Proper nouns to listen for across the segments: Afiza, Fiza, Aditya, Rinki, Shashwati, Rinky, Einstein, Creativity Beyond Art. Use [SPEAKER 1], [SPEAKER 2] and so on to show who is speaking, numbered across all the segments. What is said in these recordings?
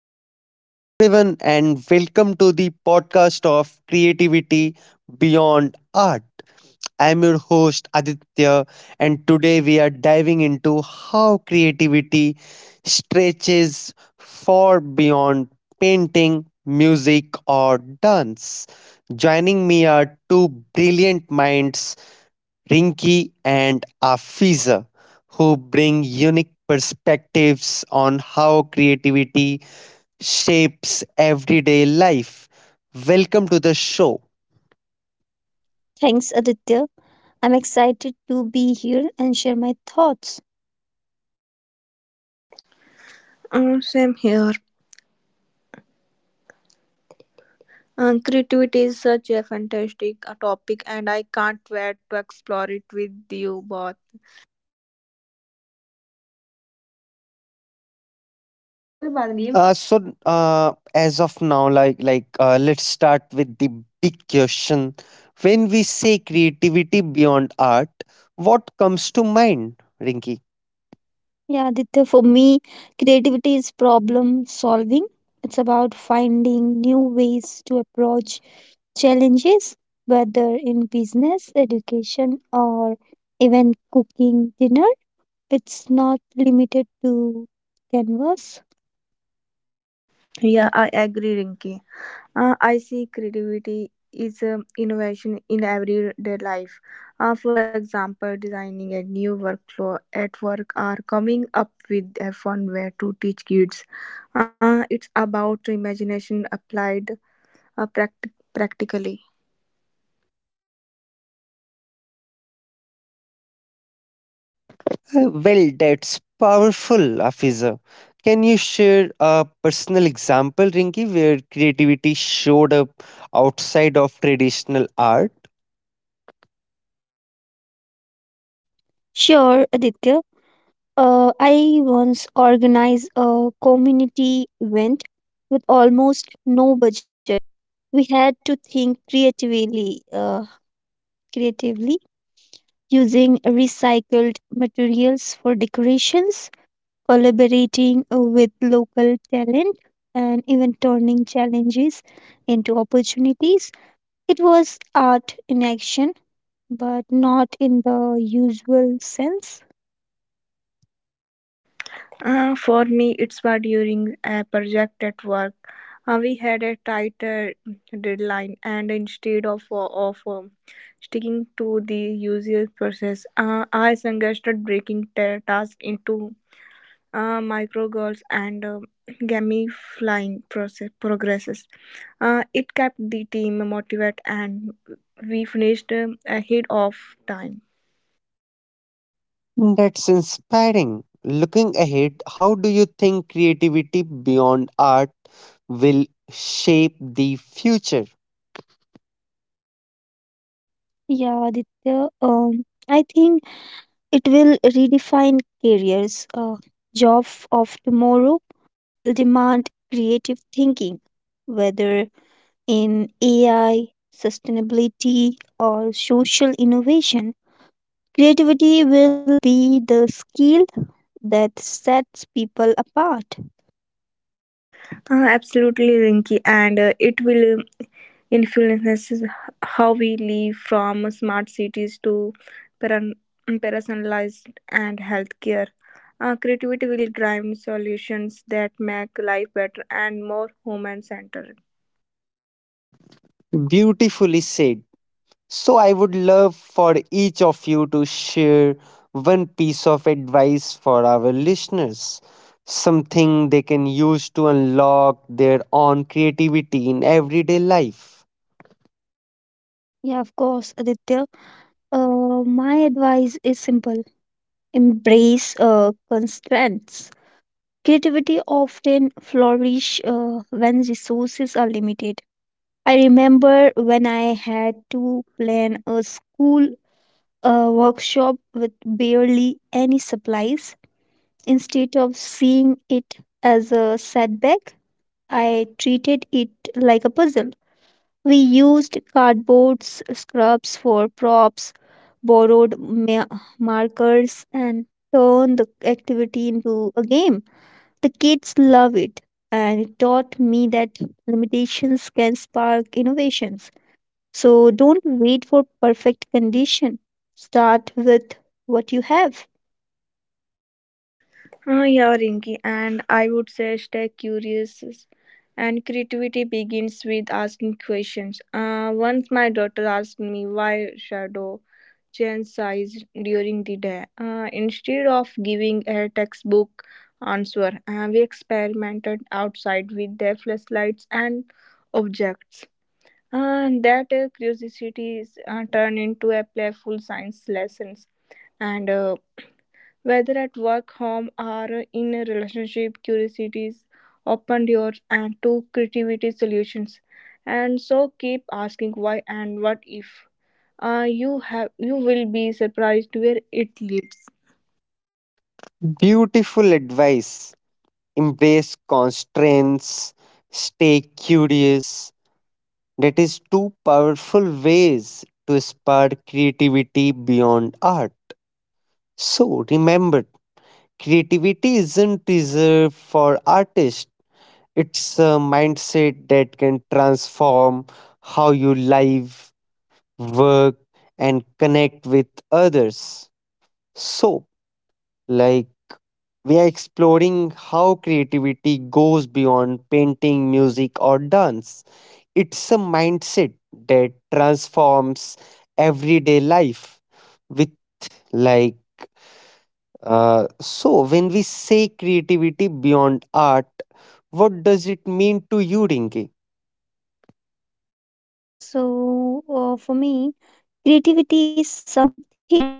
[SPEAKER 1] Hello everyone, and welcome to the podcast of Creativity Beyond Art. I'm your host Aditya, and today we are diving into how creativity stretches far beyond painting, music, or dance. Joining me are two brilliant minds, Rinki and Afiza, who bring unique perspectives on how creativity shapes everyday life. Welcome to the show.
[SPEAKER 2] Thanks, Aditya. I'm excited to be here and share my thoughts.
[SPEAKER 3] Same here. Creativity is such a fantastic topic, and I can't wait to explore it with you both.
[SPEAKER 1] कोई बात नहीं है। Uh, as of now, let's start with the big question. When we say creativity beyond art, what comes to mind, Rinki?
[SPEAKER 2] Yeah, Aditya, for me, creativity is problem solving. It's about finding new ways to approach challenges, whether in business, education, or even cooking dinner. It's not limited to canvas.
[SPEAKER 3] Yeah, I agree, Rinki. I see creativity is innovation in everyday life. For example, designing a new workflow at work or coming up with a fun way to teach kids. It's about imagination applied practically.
[SPEAKER 1] Well, that's powerful, Afiza. Can you share a personal example, Rinki, where creativity showed up outside of traditional art?
[SPEAKER 2] Sure, Aditya. I once organized a community event with almost no budget. We had to think creatively, using recycled materials for decorations, collaborating with local talent, and even turning challenges into opportunities. It was art in action, but not in the usual sense.
[SPEAKER 3] For me, it's was during a project at work. We had a tighter deadline, and instead of sticking to the usual process, I suggested breaking the task into micro goals and gamifying process progresses. It kept the team motivated, and we finished ahead of time.
[SPEAKER 1] That's inspiring. Looking ahead, how do you think creativity beyond art will shape the future?
[SPEAKER 2] Yeah, Aditya, I think it will redefine careers. Job of tomorrow will demand creative thinking, whether in AI, sustainability, or social innovation. Creativity will be the skill that sets people apart.
[SPEAKER 3] Absolutely, Rinky, and it will influences how we live from smart cities to peran- personalized and healthcare. Creativity will drive solutions that make life better and more human centered.
[SPEAKER 1] Beautifully said. So I would love for each of you to share one piece of advice for our listeners, something they can use to unlock their own creativity in everyday life.
[SPEAKER 2] Yeah, of course, Aditya. My advice is simple: embrace constraints. Creativity often flourish when resources are limited. I remember when I had to plan a school workshop with barely any supplies. Instead of seeing it as a setback, I treated it like a puzzle. We used cardboard scraps for props, borrowed markers, and turned the activity into a game. The kids love it, and it taught me that limitations can spark innovations. So don't wait for perfect condition. Start with what you have.
[SPEAKER 3] Yeah, Rinky, and I would say stay curious. And creativity begins with asking questions. Once my daughter asked me why shadow chastised during the day. Instead of giving a textbook answer, we experimented outside with their flashlights and objects. And that curiosity is turned into a playful science lessons. And whether at work, home, or in a relationship, curiosities open doors and to creativity solutions. And so keep asking why and what if you have you will be surprised where it leads.
[SPEAKER 1] Beautiful advice. Embrace constraints, stay curious. That is two powerful ways to spark creativity beyond art. So remember, creativity isn't reserved for artists. It's a mindset that can transform how you live, work, and connect with others. So, like, we are exploring how creativity goes beyond painting, music, or dance. It's a mindset that transforms everyday life with, like, so when we say creativity beyond art, what does it mean to you, Rinki?
[SPEAKER 2] So for me, creativity is something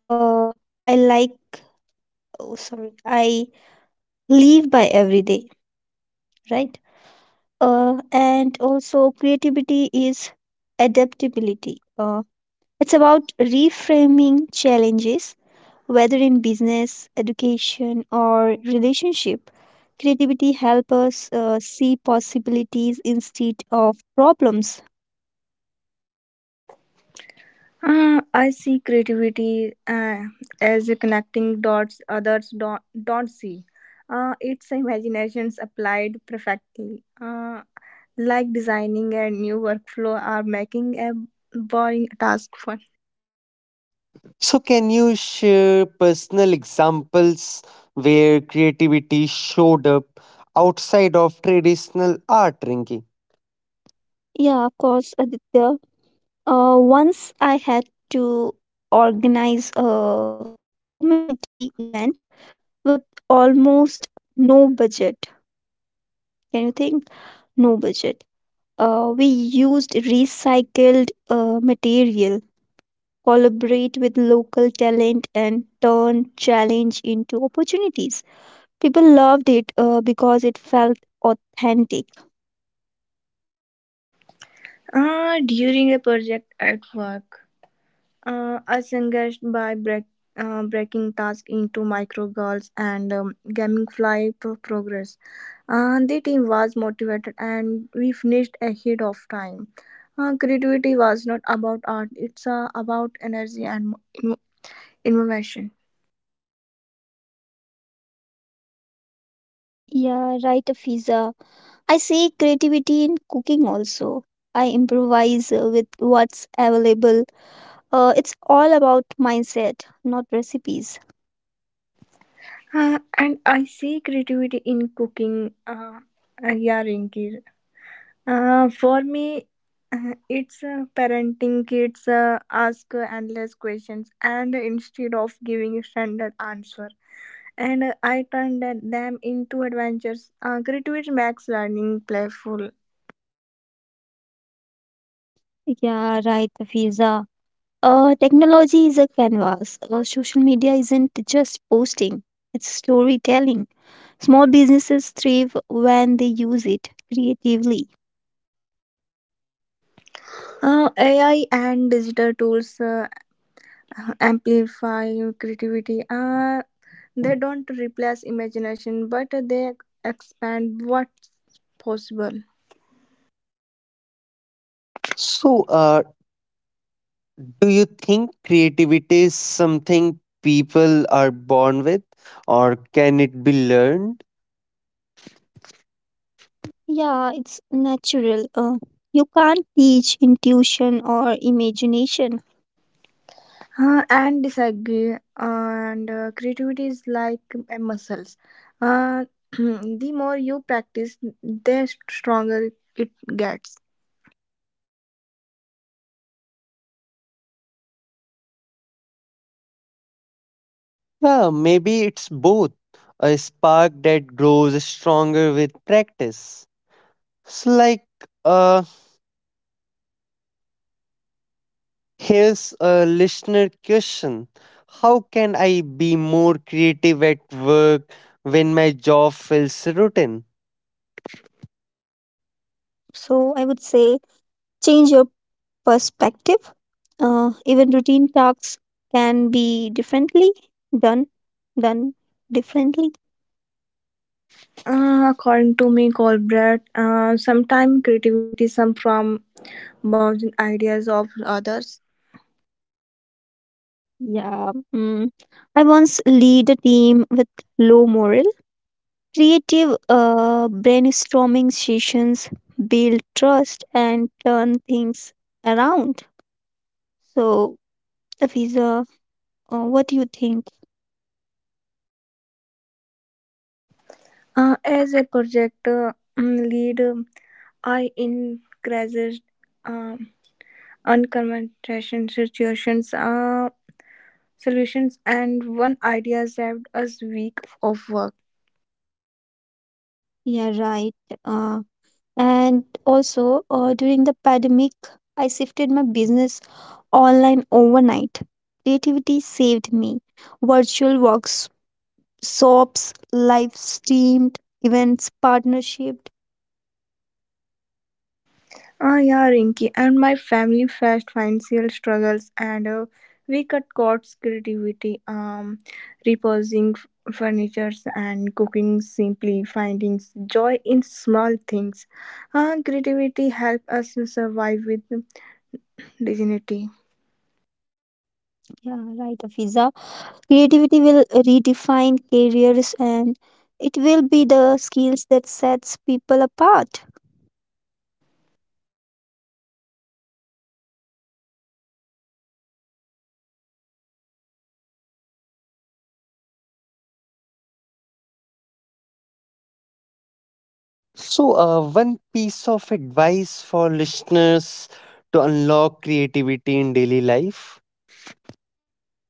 [SPEAKER 2] uh, I like. Oh, sorry, I live by every day, right? And also creativity is adaptability. It's about reframing challenges. Whether in business, education, or relationship, creativity helps us see possibilities instead of problems.
[SPEAKER 3] I see creativity as a connecting dots others don't see. It's imaginations applied perfectly, like designing a new workflow or making a boring task fun.
[SPEAKER 1] So, can you share personal examples where creativity showed up outside of traditional art, Rinki?
[SPEAKER 2] Yeah, of course, Aditya. Once I had to organize a community event with almost no budget. Can you think? No budget. We used recycled material, collaborate with local talent, and turn challenge into opportunities. People loved it because it felt authentic.
[SPEAKER 3] During a project at work, I breaking tasks into micro goals and gamify progress. The team was motivated and we finished ahead of time. Creativity was not about art, it's about energy and innovation.
[SPEAKER 2] Yeah, right, Fiza. I see creativity in cooking also. I improvise with what's available. It's all about mindset, not recipes.
[SPEAKER 3] And I see creativity in cooking yarn. For me, it's parenting kids ask endless questions and instead of giving standard answer. And I turn them into adventures. Gratitude makes learning playful.
[SPEAKER 2] Yeah, right, Fiza. Technology is a canvas. Social media isn't just posting, it's storytelling. Small businesses thrive when they use it creatively.
[SPEAKER 3] AI and digital tools amplify creativity. They don't replace imagination, but they expand what's possible.
[SPEAKER 1] So, do you think creativity is something people are born with, or can it be learned?
[SPEAKER 2] Yeah, it's natural. You can't teach intuition or imagination.
[SPEAKER 3] And disagree and creativity is like muscles uh, the more you practice the stronger it gets.
[SPEAKER 1] Yeah, maybe it's both, a spark that grows stronger with practice. So, uh, here's a listener question. How can I be more creative at work when my job feels routine?
[SPEAKER 2] So I would say change your perspective. Even routine tasks can be differently done, done differently.
[SPEAKER 3] According to me colbert, sometimes creativity some from bouncing ideas of others.
[SPEAKER 2] Yeah. Mm. I once lead a team with low morale. Creative brainstorming sessions build trust and turn things around. So, Afiza, what do you think?
[SPEAKER 3] As a project lead, I encourage um unconventional situations, solutions, and one idea saved us week of work.
[SPEAKER 2] Yeah, right. Uh, and also, during the pandemic, I shifted my business online overnight. Creativity saved me. Virtual workshops, live streamed events, partnership.
[SPEAKER 3] Ah, yeah, Rinky, and my family faced financial struggles, and we cut costs, creativity, reposing furnitures, and cooking simply, finding joy in small things. Creativity helped us to survive with dignity.
[SPEAKER 2] Yeah, right, Afiza. Creativity will redefine careers, and it will be the skills that sets people apart.
[SPEAKER 1] So, one piece of advice for listeners to unlock creativity in daily life.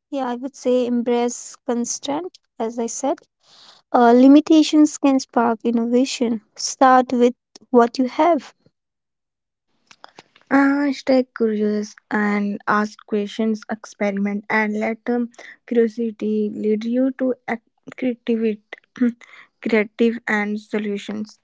[SPEAKER 2] Yeah, I would say embrace constraint, as I said. Limitations can spark innovation. Start with what you have.
[SPEAKER 3] Stay curious and ask questions, experiment, and let curiosity lead you to creativity, creative and solutions.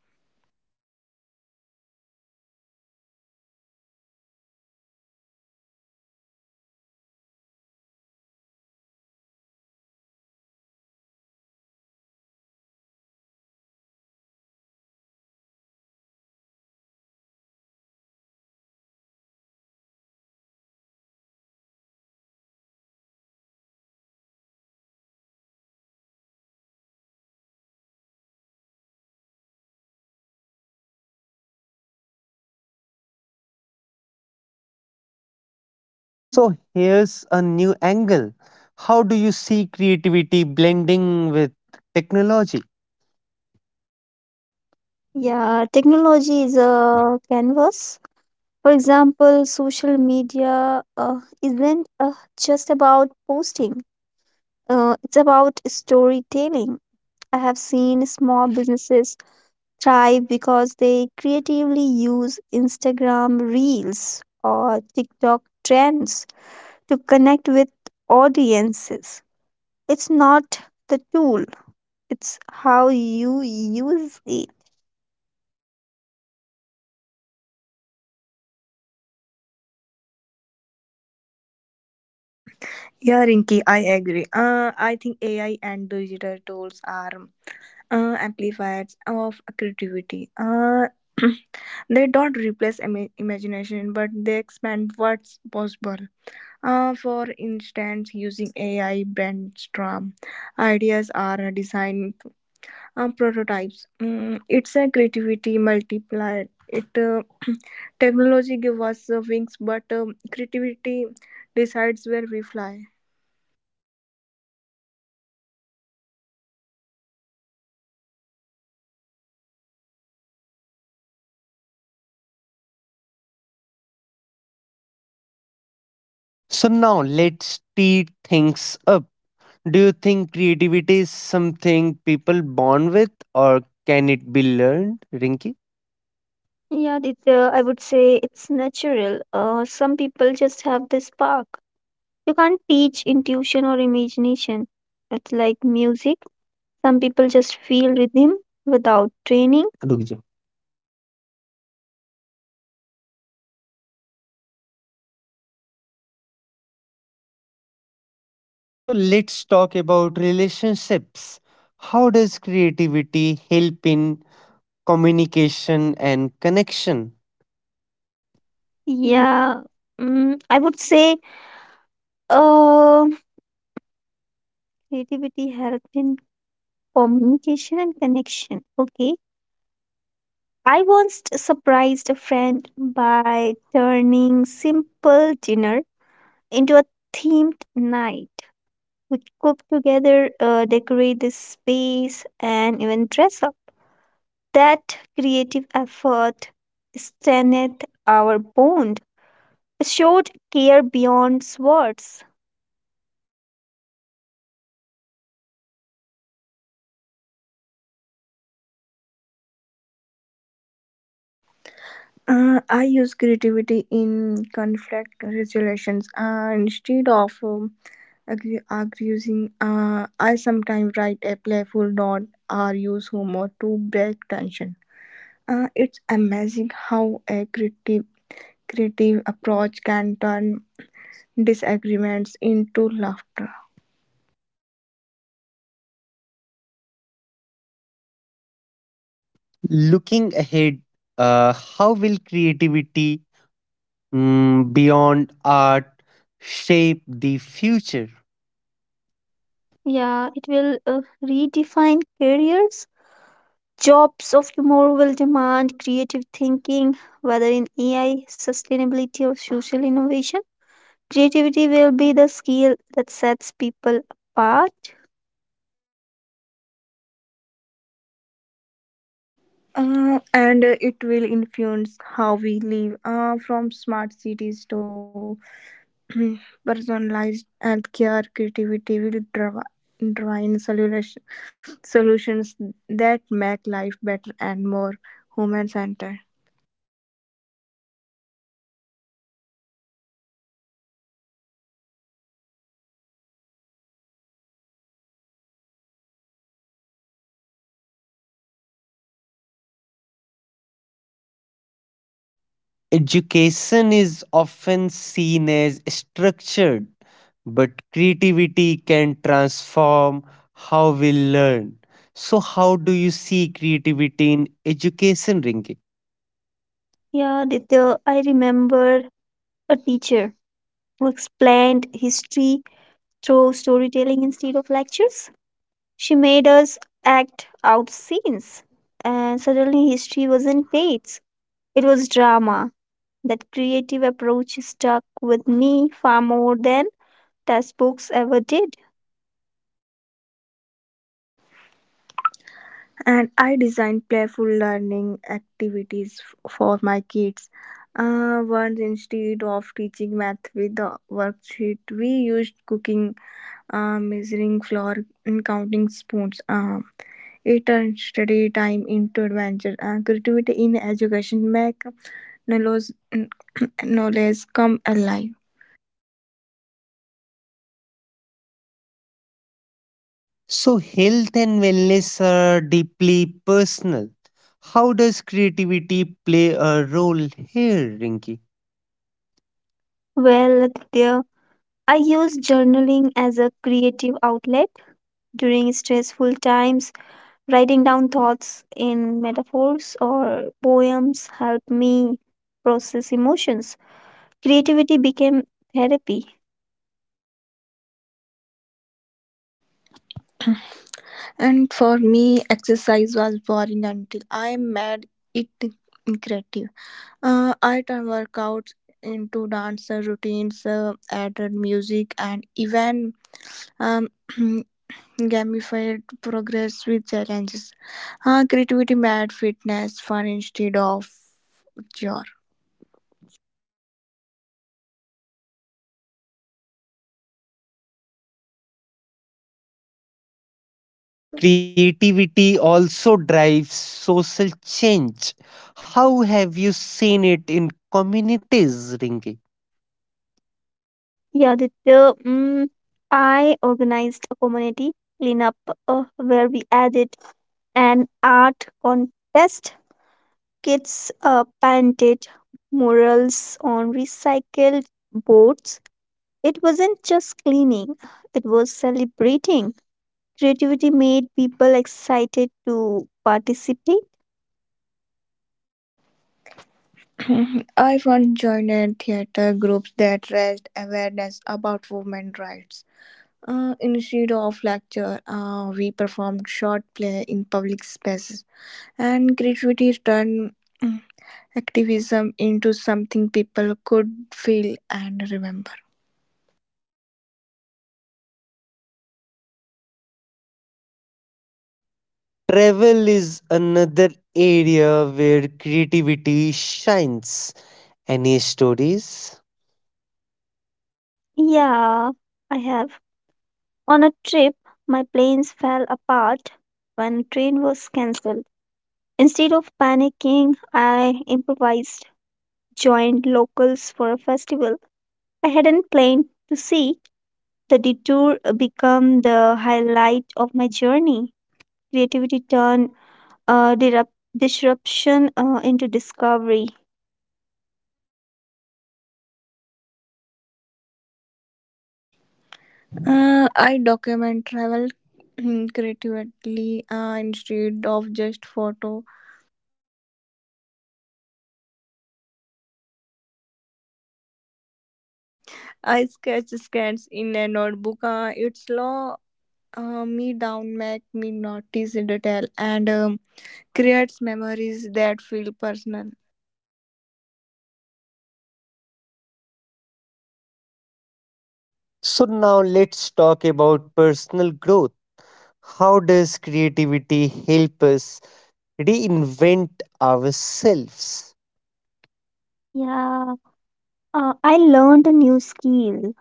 [SPEAKER 1] So, here's a new angle. How do you see creativity blending with technology?
[SPEAKER 2] Yeah, technology is a canvas. For example, social media isn't just about posting, it's about storytelling. I have seen small businesses thrive because they creatively use Instagram reels or TikTok trends to connect with audiences. It's not the tool, it's how you use it.
[SPEAKER 3] Yeah, Rinky, I agree. I think AI and digital tools are amplifiers of creativity. They don't replace imagination, but they expand what's possible. For instance, using AI brainstorm ideas are design prototypes. Mm, it's a creativity multiplier. It Technology gives us wings, but creativity decides where we fly.
[SPEAKER 1] So, now let's tee things up. Do you think creativity is something people born with or can it be learned, Rinky?
[SPEAKER 2] Yeah, I would say it's natural. Some people just have this spark. You can't teach intuition or imagination. It's like music. Some people just feel rhythm without training.
[SPEAKER 1] So let's talk about relationships. How does creativity help in communication and connection?
[SPEAKER 2] Yeah, mm, I would say um creativity helped in communication and connection. Okay. I once surprised a friend by turning simple dinner into a themed night. We cooked together, decorate the space, and even dress up. That creative effort strengthened our bond. It showed care beyond words.
[SPEAKER 3] I use creativity in conflict resolutions. Instead of arguing, I sometimes write a playful note or use humor to break tension. It's amazing how a creative approach can turn disagreements into laughter.
[SPEAKER 1] Looking ahead, how will creativity, beyond art, shape the future?
[SPEAKER 2] Yeah, it will redefine careers. Jobs of tomorrow will demand creative thinking, whether in AI, sustainability, or social innovation. Creativity will be the skill that sets people apart.
[SPEAKER 3] And it will influence how we live from smart cities to personalized healthcare. Creativity will drive solutions that make life better and more human centered.
[SPEAKER 1] Education is often seen as structured, but creativity can transform how we learn. So, how do you see creativity in education, Rinki?
[SPEAKER 2] Yeah, Ditya, I remember a teacher who explained history through storytelling instead of lectures. She made us act out scenes, and suddenly history wasn't dates, it was drama. That creative approach stuck with me far more than as books ever did.
[SPEAKER 3] And I design playful learning activities for my kids. Once, instead of teaching math with the worksheet, we used cooking, measuring flour and counting spoons. It turned study time into adventure. Creativity in education make knowledge, knowledge come alive.
[SPEAKER 1] So, health and wellness are deeply personal. How does creativity play a role here, Rinki?
[SPEAKER 2] Well, there, I use journaling as a creative outlet during stressful times. Writing down thoughts in metaphors or poems helped me process emotions. Creativity became therapy.
[SPEAKER 3] And for me, exercise was boring until I made it creative. I turned workouts into dance routines, added music, and even um, gamified progress with challenges. Creativity made fitness fun instead of chore.
[SPEAKER 1] Oh, creativity also drives social change. How have you seen it in communities, Rinki?
[SPEAKER 2] Yeah, I organized a community cleanup where we added an art contest. Kids painted murals on recycled boards. It wasn't just cleaning, it was celebrating. Creativity made people excited to participate.
[SPEAKER 3] I once joined theater groups that raised awareness about women's rights. Instead of lecture, we performed short play in public spaces, and creativity turned mm, activism into something people could feel and remember.
[SPEAKER 1] Travel is another area where creativity shines. Any stories?
[SPEAKER 2] Yeah, I have. On a trip, my planes fell apart when a train was cancelled. Instead of panicking, I improvised, joined locals for a festival I hadn't planned to see. The detour became the highlight of my journey. Creativity turned uh, dirup- disruption into discovery.
[SPEAKER 3] I document travel creatively, instead of just photo. I sketches in a notebook. It slow me down, make me notice detail, and creates memories that feel personal.
[SPEAKER 1] So, now let's talk about personal growth. How does creativity help us reinvent ourselves?
[SPEAKER 2] Yeah, I learned a new skill,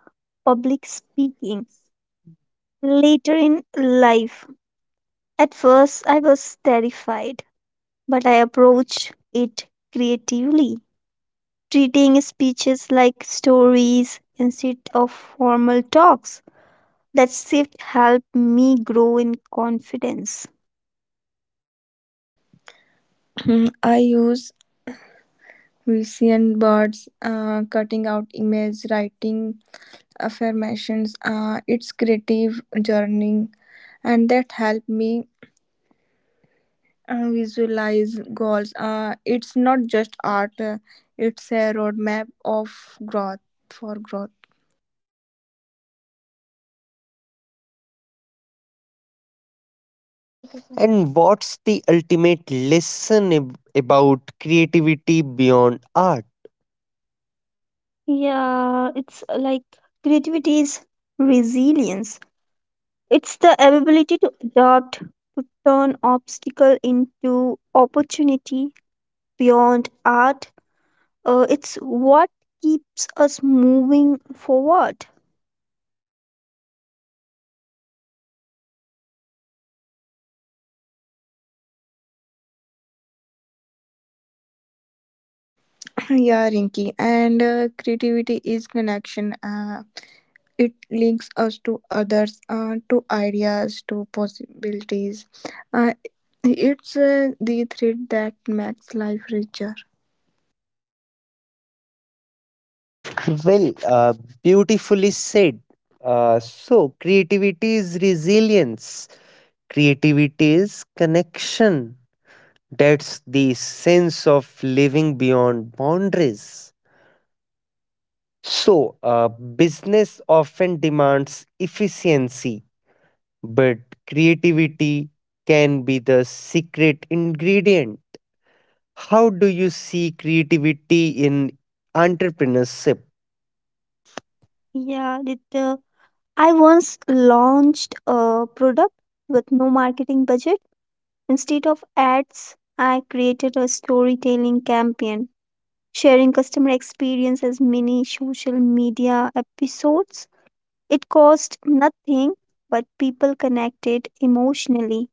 [SPEAKER 2] public speaking, later in life. At first, I was terrified, but I approached it creatively, treating speeches like stories instead of formal talks. That shift helped me grow in confidence.
[SPEAKER 3] I use vision boards, an cutting out images, writing affirmations. It's creative journey, and that help me visualize goals. It's not just art; it's a roadmap of growth for growth.
[SPEAKER 1] And what's the ultimate lesson about creativity beyond art?
[SPEAKER 2] Yeah, it's like creativity is resilience. It's the ability to adapt, to turn obstacle into opportunity beyond art. It's what keeps us moving forward.
[SPEAKER 3] Yeah, Rinky, and creativity is connection. It links us to others, to ideas, to possibilities. Uh, it's the thread that makes life richer.
[SPEAKER 1] Well, beautifully said. So, creativity is resilience. Creativity is connection. That's the sense of living beyond boundaries. So, business often demands efficiency, but creativity can be the secret ingredient. How do you see creativity in entrepreneurship?
[SPEAKER 2] Yeah, I once launched a product with no marketing budget. Instead of ads, I created a storytelling campaign sharing customer experience as mini social media episodes. It cost nothing, but people connected emotionally.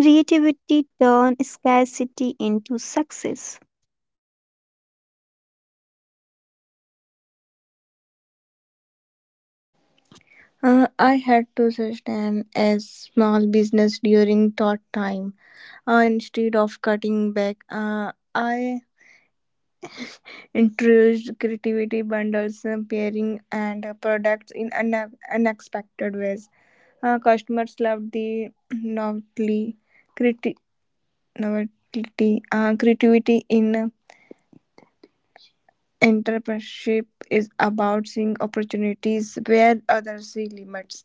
[SPEAKER 2] Creativity turned scarcity into success.
[SPEAKER 3] I had to sustain a small business during that time. Instead of cutting back, I introduced creativity bundles, pairing, and products in unexpected ways. Customers loved the creati- novelty, creativity in entrepreneurship is about seeing opportunities where others see limits.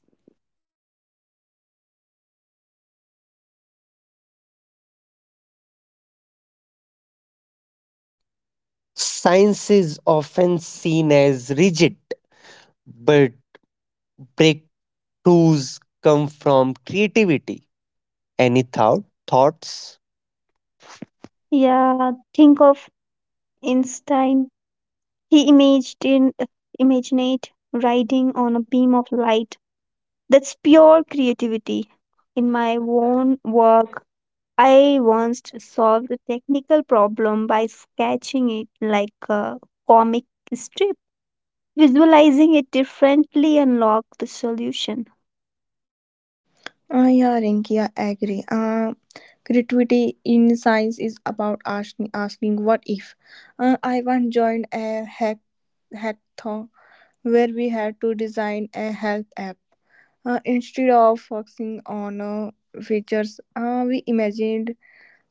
[SPEAKER 1] Science is often seen as rigid, but breakthroughs come from creativity. Any thoughts?
[SPEAKER 2] Yeah, think of Einstein. He imagined riding on a beam of light. That's pure creativity. In my own work, I once solved a technical problem by sketching it like a comic strip. Visualizing it differently unlocked the solution.
[SPEAKER 3] Ah, yeah, Rinki, I agree. Creativity in science is about asking what if. Ivan joined a hackathon where we had to design a health app. Instead of focusing on features, we imagined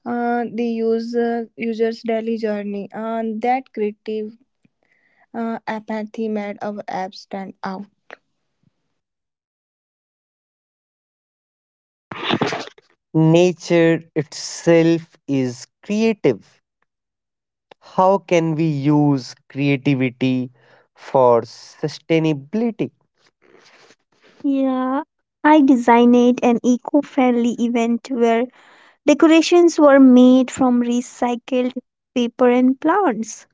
[SPEAKER 3] the user's daily journey. And that creative apathy made our app stand out.
[SPEAKER 1] Nature itself is creative. How can we use creativity for sustainability?
[SPEAKER 2] Yeah, I designed an eco friendly event where decorations were made from recycled paper and plants.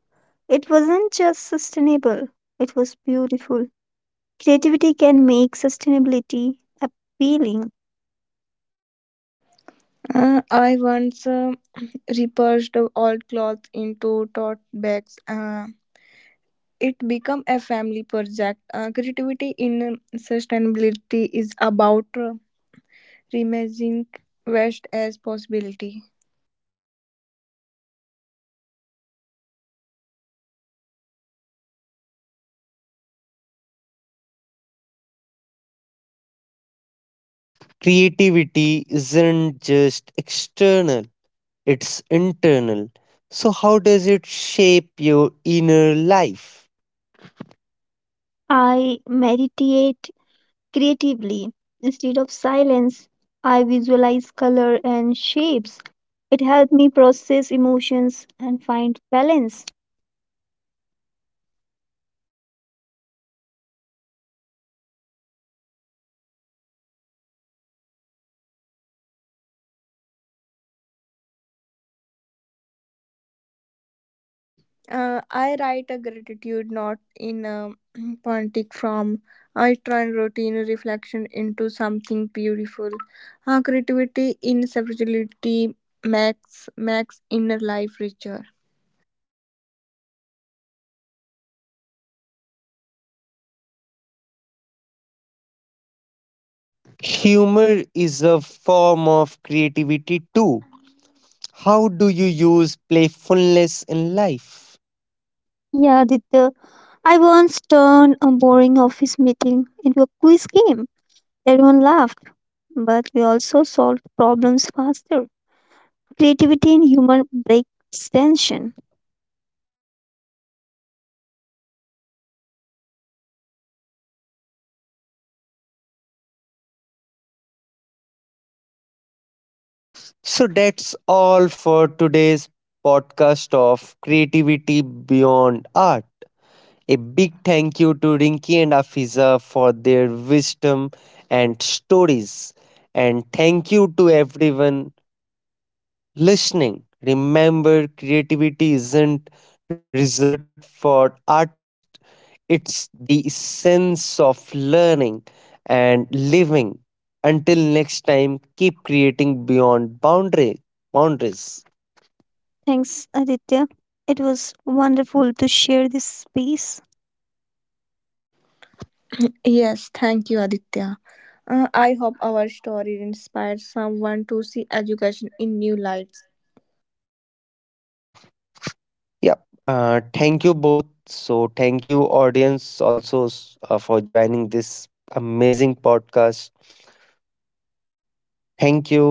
[SPEAKER 2] It wasn't just sustainable, it was beautiful. Creativity can make sustainability appealing.
[SPEAKER 3] I once repurged old clothes into tote bags. It became a family project. Creativity in sustainability is about reimagining waste as possibility.
[SPEAKER 1] Creativity isn't just external, it's internal. So, how does it shape your inner life?
[SPEAKER 2] I meditate creatively. Instead of silence, I visualize color and shapes. It helped me process emotions and find balance.
[SPEAKER 3] I write a gratitude note in a poetic form. I turn routine reflection into something beautiful. Creativity in spirituality makes inner life richer.
[SPEAKER 1] Humor is a form of creativity too. How do you use playfulness in life?
[SPEAKER 2] Yeah, Aditya. I once turned a boring office meeting into a quiz game. Everyone laughed, but we also solved problems faster. Creativity and humor breaks tension.
[SPEAKER 1] So that's all for today's podcast of Creativity Beyond Art. A big thank you to Rinki and Afiza for their wisdom and stories. And thank you to everyone listening. Remember, creativity isn't reserved for artists, it's the essence of learning and living. Until next time, keep creating beyond boundaries.
[SPEAKER 2] Thanks, Aditya. It was wonderful to share this space.
[SPEAKER 3] Yes, thank you, Aditya. I hope our story inspires someone to see education in new light.
[SPEAKER 1] Yeah. Thank you both. So, thank you, audience, also for joining this amazing podcast. Thank you.